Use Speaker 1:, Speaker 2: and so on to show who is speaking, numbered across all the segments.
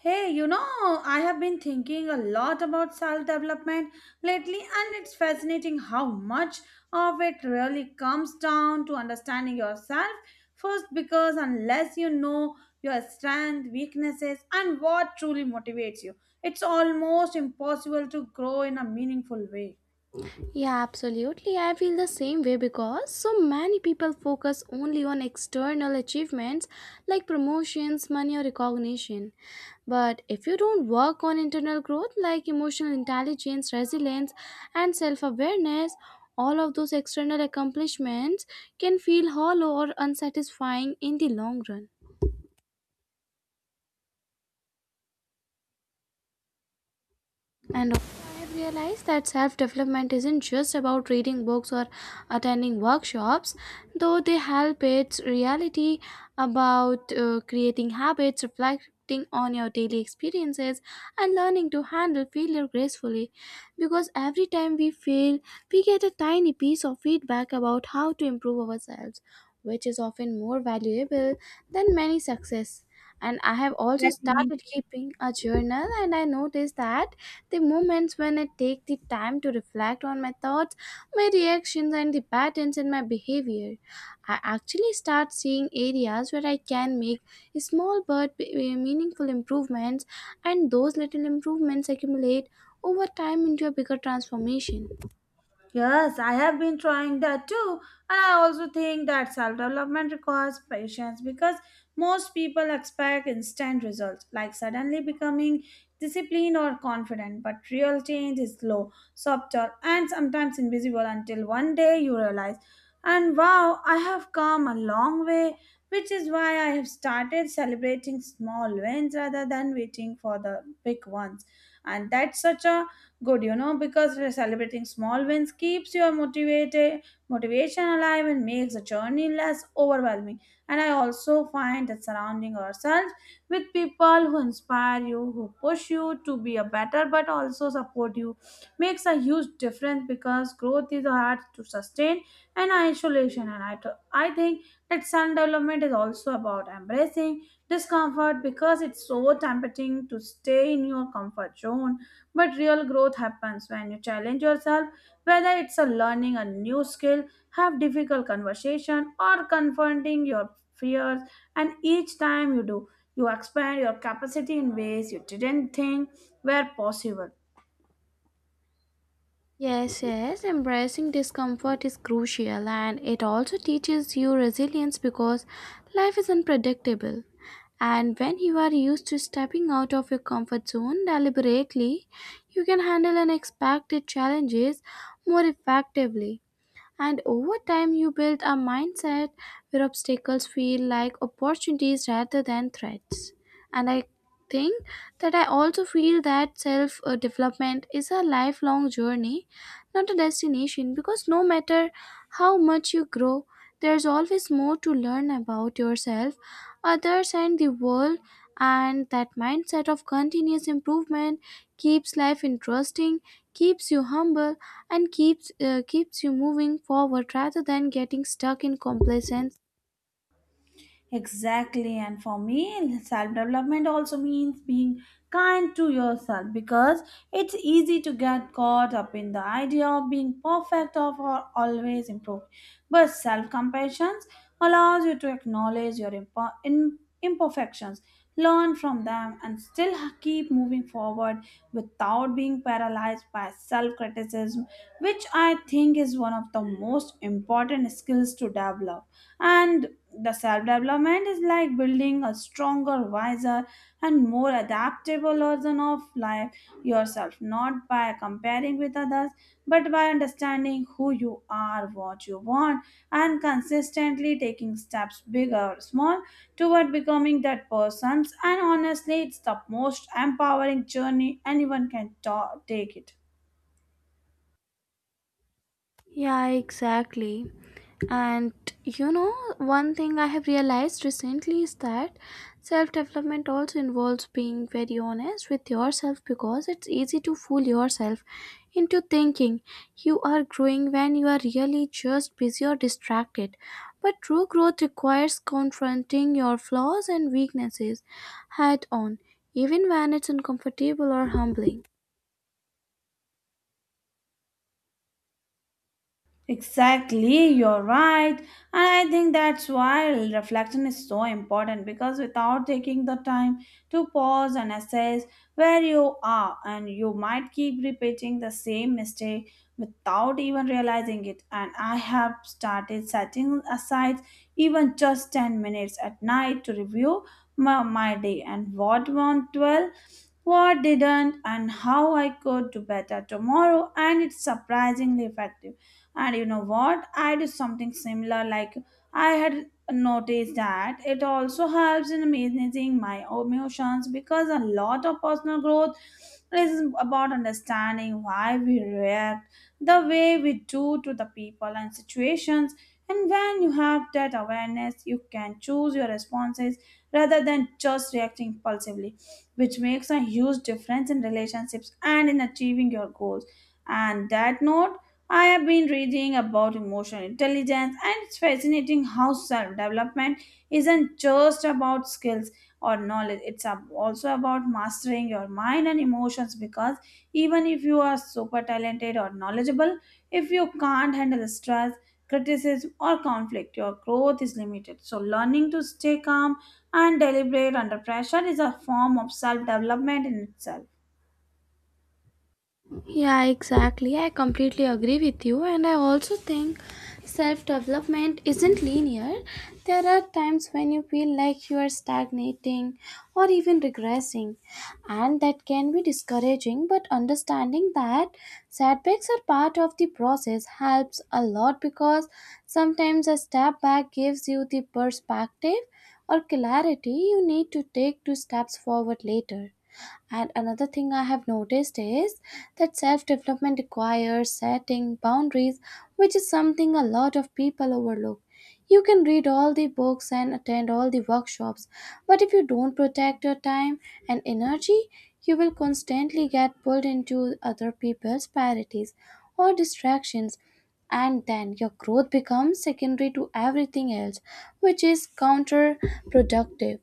Speaker 1: Hey, you know, I have been thinking a lot about self development lately, and it's fascinating how much of it really comes down to understanding yourself first. Because unless you know your strengths, weaknesses, and what truly motivates you, it's almost impossible to grow in a meaningful way.
Speaker 2: Yeah, absolutely. I feel the same way because so many people focus only on external achievements like promotions, money, or recognition. But if you don't work on internal growth like emotional intelligence, resilience, and self awareness, all of those external accomplishments can feel hollow or unsatisfying in the long run. And also I have realized that self development isn't just about reading books or attending workshops, though they help, it's reality about creating habits, reflecting on your daily experiences, and learning to handle failure gracefully. Because every time we fail, we get a tiny piece of feedback about how to improve ourselves, which is often more valuable than many success. And I have also
Speaker 1: Exactly.
Speaker 2: started keeping a journal, and I noticed that the moments when I take the time to reflect on my thoughts, my reactions, and the patterns in my behavior, I actually start seeing areas where I can make small but meaningful improvements, and those little improvements accumulate over time into a bigger transformation.
Speaker 1: Yes, I have been trying that too. And I also think that self development requires patience because most people expect instant results, like suddenly becoming disciplined or confident. But real change is slow, subtle, and sometimes invisible until one day you realize, and wow, I have come a long way. Which is why I have started celebrating small wins rather than waiting for the big ones. And that's such a good because celebrating small wins keeps your motivated motivation alive and makes the journey less overwhelming. And I also find that surrounding ourselves with people who inspire you, who push you to be a better but also support you, makes a huge difference because growth is hard to sustain and isolation. And I think that self development is also about embracing discomfort because it's so tempting to stay in your comfort zone, but real growth happens when you challenge yourself, whether it's a learning a new skill, have difficult conversation, or confronting your fears. And each time you do, you expand your capacity in ways you didn't think were possible.
Speaker 2: Yes, yes, embracing discomfort is crucial and it also teaches you resilience because life is unpredictable. And when you are used to stepping out of your comfort zone deliberately, you can handle unexpected challenges more effectively. And over time, you build a mindset where obstacles feel like opportunities rather than threats. And I think that I also feel that self development is a lifelong journey, not a destination, because no matter how much you grow, there's always more to learn about yourself, others, and the world. And that mindset of continuous improvement keeps life interesting, keeps you humble, and keeps you moving forward rather than getting stuck in complacence.
Speaker 1: Exactly, and for me, self development also means being kind to yourself because it's easy to get caught up in the idea of being perfect or for always improving. But self compassion allows you to acknowledge your imperfections, learn from them, and still keep moving forward without being paralyzed by self criticism, which I think is one of the most important skills to develop. And the self development is like building a stronger, wiser, and more adaptable version of life yourself, not by comparing with others, but by understanding who you are, what you want, and consistently taking steps, big or small, toward becoming that person. And honestly, it's the most empowering journey anyone can take it.
Speaker 2: Yeah, exactly. And you know, one thing I have realized recently is that self development also involves being very honest with yourself because it's easy to fool yourself into thinking you are growing when you are really just busy or distracted. But true growth requires confronting your flaws and weaknesses head on, even when it's uncomfortable or humbling.
Speaker 1: Exactly, you're right. And I think that's why reflection is so important because without taking the time to pause and assess where you are, and you might keep repeating the same mistake without even realizing it. And I have started setting aside even just 10 minutes at night to review my day and what went well, what didn't, and how I could do better tomorrow, and it's surprisingly effective. And you know what? I do something similar. Like, I had noticed that it also helps in managing my emotions because a lot of personal growth is about understanding why we react the way we do to the people and situations. And when you have that awareness, you can choose your responses rather than just reacting impulsively, which makes a huge difference in relationships and in achieving your goals. And that note, I have been reading about emotional intelligence, and it's fascinating how self development isn't just about skills or knowledge, also about mastering your mind and emotions because even if you are super talented or knowledgeable, if you can't handle stress, criticism, or conflict, your growth is limited. So, learning to stay calm and deliberate under pressure is a form of self development in itself.
Speaker 2: Yeah, exactly. I completely agree with you, and I also think self development isn't linear. There are times when you feel like you are stagnating or even regressing, and that can be discouraging. But understanding that setbacks are part of the process helps a lot because sometimes a step back gives you the perspective or clarity you need to take two steps forward later. And another thing I have noticed is that self development requires setting boundaries, which is something a lot of people overlook. You can read all the books and attend all the workshops, but if you don't protect your time and energy, you will constantly get pulled into other people's priorities or distractions, and then your growth becomes secondary to everything else, which is counterproductive.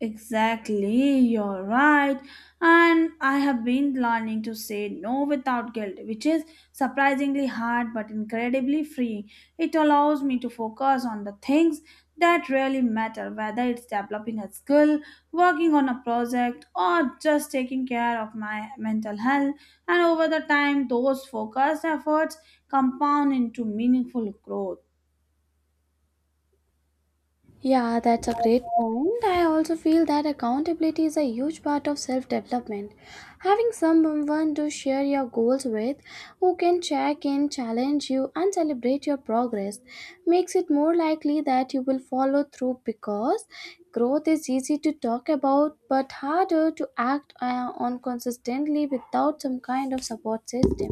Speaker 1: Exactly, you're right. And I have been learning to say no without guilt, which is surprisingly hard but incredibly freeing. It allows me to focus on the things that really matter, whether it's developing a skill, working on a project, or just taking care of my mental health. And over the time, those focused efforts compound into meaningful growth.
Speaker 2: Yeah, that's a great point. I also feel that accountability is a huge part of self development. Having someone to share your goals with, who can check in, challenge you, and celebrate your progress, makes it more likely that you will follow through because growth is easy to talk about but harder to act on consistently without some kind of support system.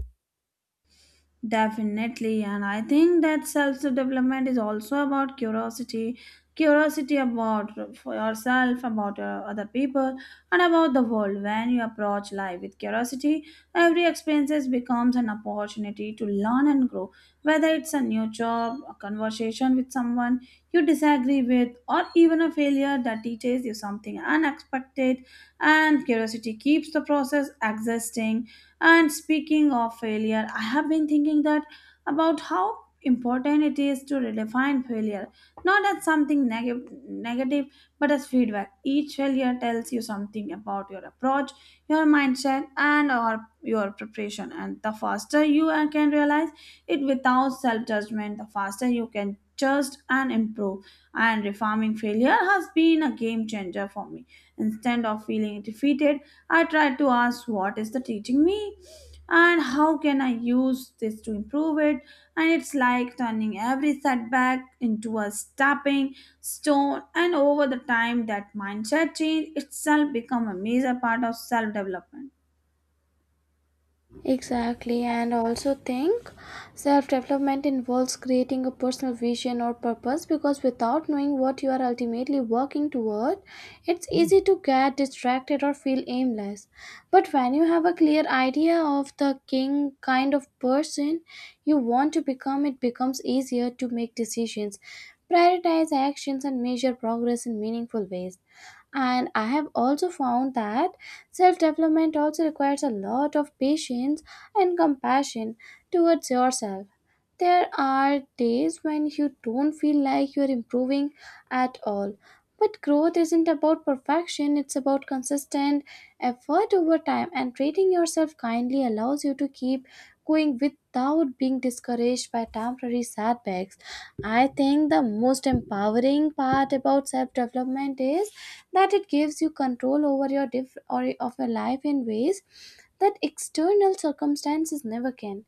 Speaker 1: Definitely, and I think that self development is also about curiosity about for yourself, about other people, and about the world. When you approach life with curiosity, every experience becomes an opportunity to learn and grow. Whether it's a new job, a conversation with someone you disagree with, or even a failure that teaches you something unexpected, and curiosity keeps the process existing. And speaking of failure, I have been thinking that about how important it is to redefine failure, not as something negative, but as feedback. Each failure tells you something about your approach, your mindset, and or your preparation. And the faster you can realize it without self judgment, the faster you can adjust and improve. And reforming failure has been a game changer for me. Instead of feeling defeated, I try to ask what is the teaching me and how can I use this to improve it? And it's like turning every setback into a stepping stone, and over the time, that mindset change itself become a major part of self development.
Speaker 2: Exactly, and also think self development involves creating a personal vision or purpose because without knowing what you are ultimately working toward, it's easy to get distracted or feel aimless. But when you have a clear idea of the king kind of person you want to become, it becomes easier to make decisions, prioritize actions, and measure progress in meaningful ways. And I have also found that self development also requires a lot of patience and compassion towards yourself. There are days when you don't feel like you're improving at all, but growth isn't about perfection, it's about consistent effort over time, and treating yourself kindly allows you to keep going without being discouraged by temporary setbacks. I think the most empowering part about self development is that it gives you control over your diff- or of your life in ways that external circumstances never can.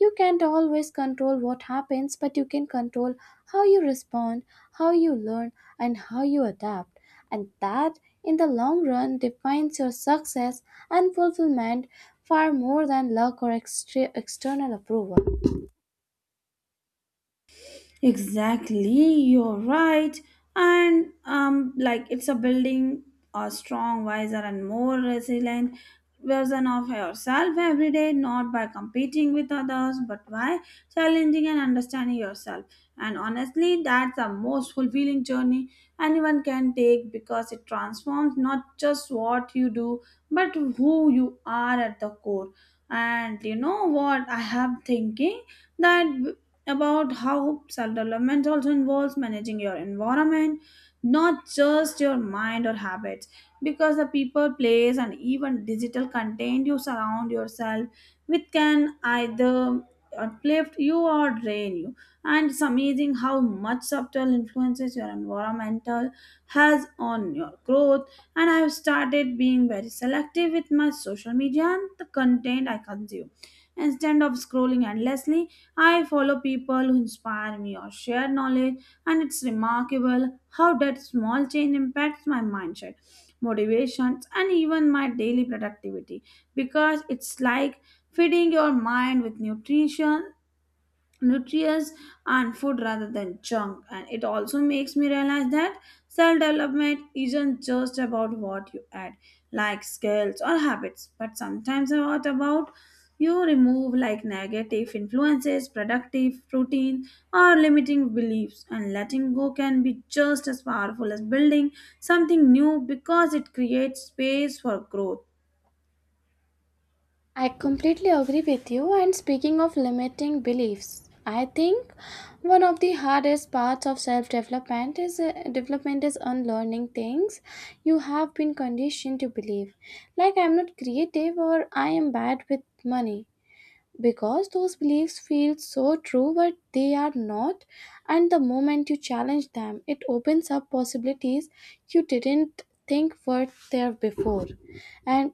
Speaker 2: You can't always control what happens, but you can control how you respond, how you learn, and how you adapt. And that, in the long run, defines your success and fulfillment far more than luck or external approval.
Speaker 1: Exactly, you're right. And it's a building a strong, wiser, and more resilient version of yourself every day, not by competing with others, but by challenging and understanding yourself. And honestly, that's the most fulfilling journey anyone can take because it transforms not just what you do, but who you are at the core. And you know what, I have thinking that about how self development also involves managing your environment, not just your mind or habits, because the people, place, and even digital content you surround yourself with can either uplift you or drain you. And it's amazing how much subtle influences your environmental has on your growth. And I've started being very selective with my social media and the content I consume. Instead of scrolling endlessly, I follow people who inspire me or share knowledge, and it's remarkable how that small change impacts my mindset, motivations, and even my daily productivity because it's like feeding your mind with nutrition nutrients and food rather than junk. And it also makes me realize that self development isn't just about what you add, like skills or habits, but sometimes about you remove, like negative influences, productive routine, or limiting beliefs. And letting go can be just as powerful as building something new because it creates space for growth.
Speaker 2: I completely agree with you. And speaking of limiting beliefs, I think one of the hardest parts of self-development is development is unlearning things you have been conditioned to believe, like I'm not creative or I am bad with money. Because those beliefs feel so true, but they are not, and the moment you challenge them, it opens up possibilities you didn't think were there before. And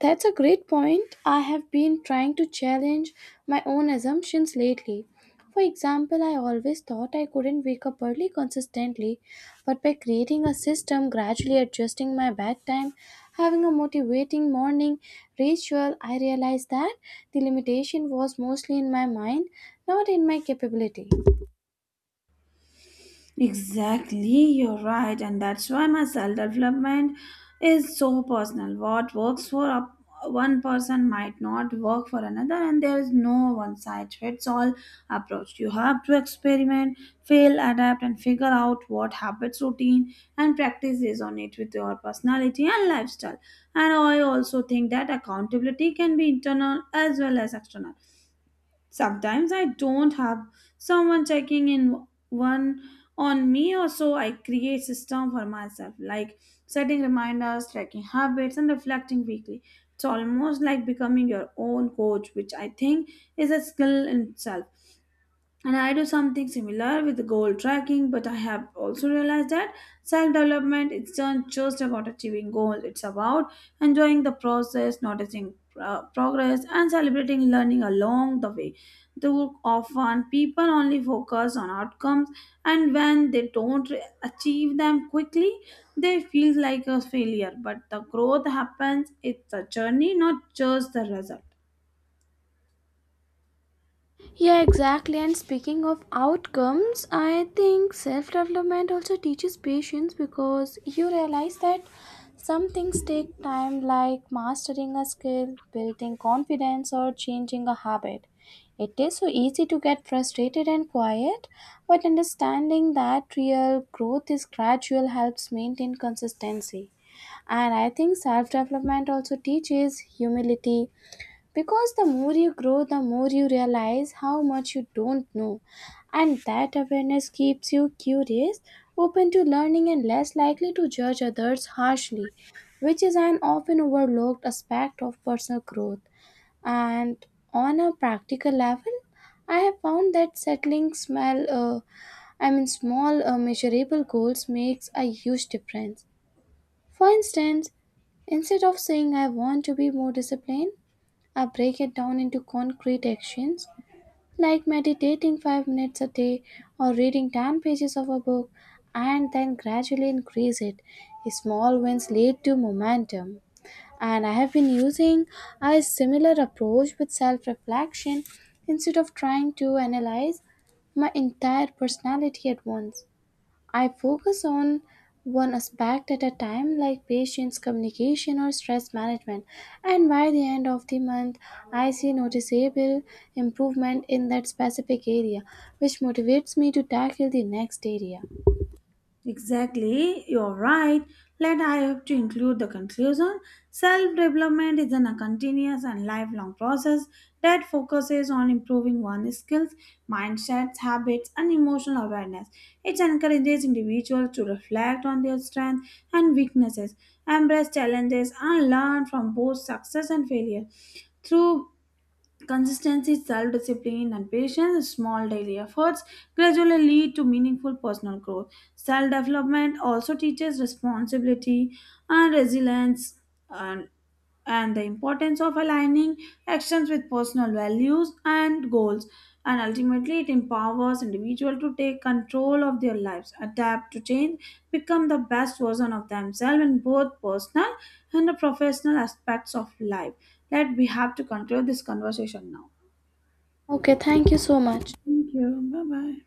Speaker 2: that's a great point. I have been trying to challenge my own assumptions lately. For example, I always thought I couldn't wake up early consistently, but by creating a system, gradually adjusting my bedtime, having a motivating morning ritual, I realized that the limitation was mostly in my mind, not in my capability.
Speaker 1: Exactly, you're right, and that's why my self development is so personal. What works for one person might not work for another, and there is no one size fits all approach. You have to experiment, fail, adapt, and figure out what habits, routine, and practice resonate with your personality and lifestyle. And I also think that accountability can be internal as well as external. Sometimes I don't have someone checking in one on me, or so I create system for myself like setting reminders, tracking habits, and reflecting weekly. It's almost like becoming your own coach, which I think is a skill in itself. And I do something similar with goal tracking, but I have also realized that self development is not just about achieving goals, it's about enjoying the process, noticing progress, and celebrating learning along the way. Too often, people only focus on outcomes, and when they don't achieve them quickly, they feel like a failure. But the growth happens, it's a journey, not just the result.
Speaker 2: Yeah, exactly. And speaking of outcomes, I think self development also teaches patience because you realize that some things take time, like mastering a skill, building confidence, or changing a habit. It is so easy to get frustrated and quiet, but understanding that real growth is gradual helps maintain consistency. And I think self development also teaches humility because the more you grow, the more you realize how much you don't know. And that awareness keeps you curious, open to learning, and less likely to judge others harshly, which is an often overlooked aspect of personal growth. And on a practical level, I have found that settling small, I mean, small measurable goals makes a huge difference. For instance, instead of saying I want to be more disciplined, I break it down into concrete actions like meditating 5 minutes a day or reading 10 pages of a book and then gradually increase it. Small wins lead to momentum. And I have been using a similar approach with self reflection instead of trying to analyze my entire personality at once. I focus on one aspect at a time, like patients, communication, or stress management, and by the end of the month, I see noticeable improvement in that specific area, which motivates me to tackle the next area.
Speaker 1: Exactly, you're right. Let I have to include the conclusion. Self development is a continuous and lifelong process that focuses on improving one's skills, mindsets, habits, and emotional awareness. It encourages individuals to reflect on their strengths and weaknesses, embrace challenges, and learn from both success and failure. Through consistency, self discipline, and patience, small daily efforts gradually lead to meaningful personal growth. Self development also teaches responsibility and resilience and, and the importance of aligning actions with personal values and goals. And ultimately, it empowers individuals to take control of their lives, adapt to change, become the best version of themselves in both personal and the professional aspects of life. That we have to conclude this conversation now.
Speaker 2: Okay, thank you so much.
Speaker 1: Thank you. Bye bye.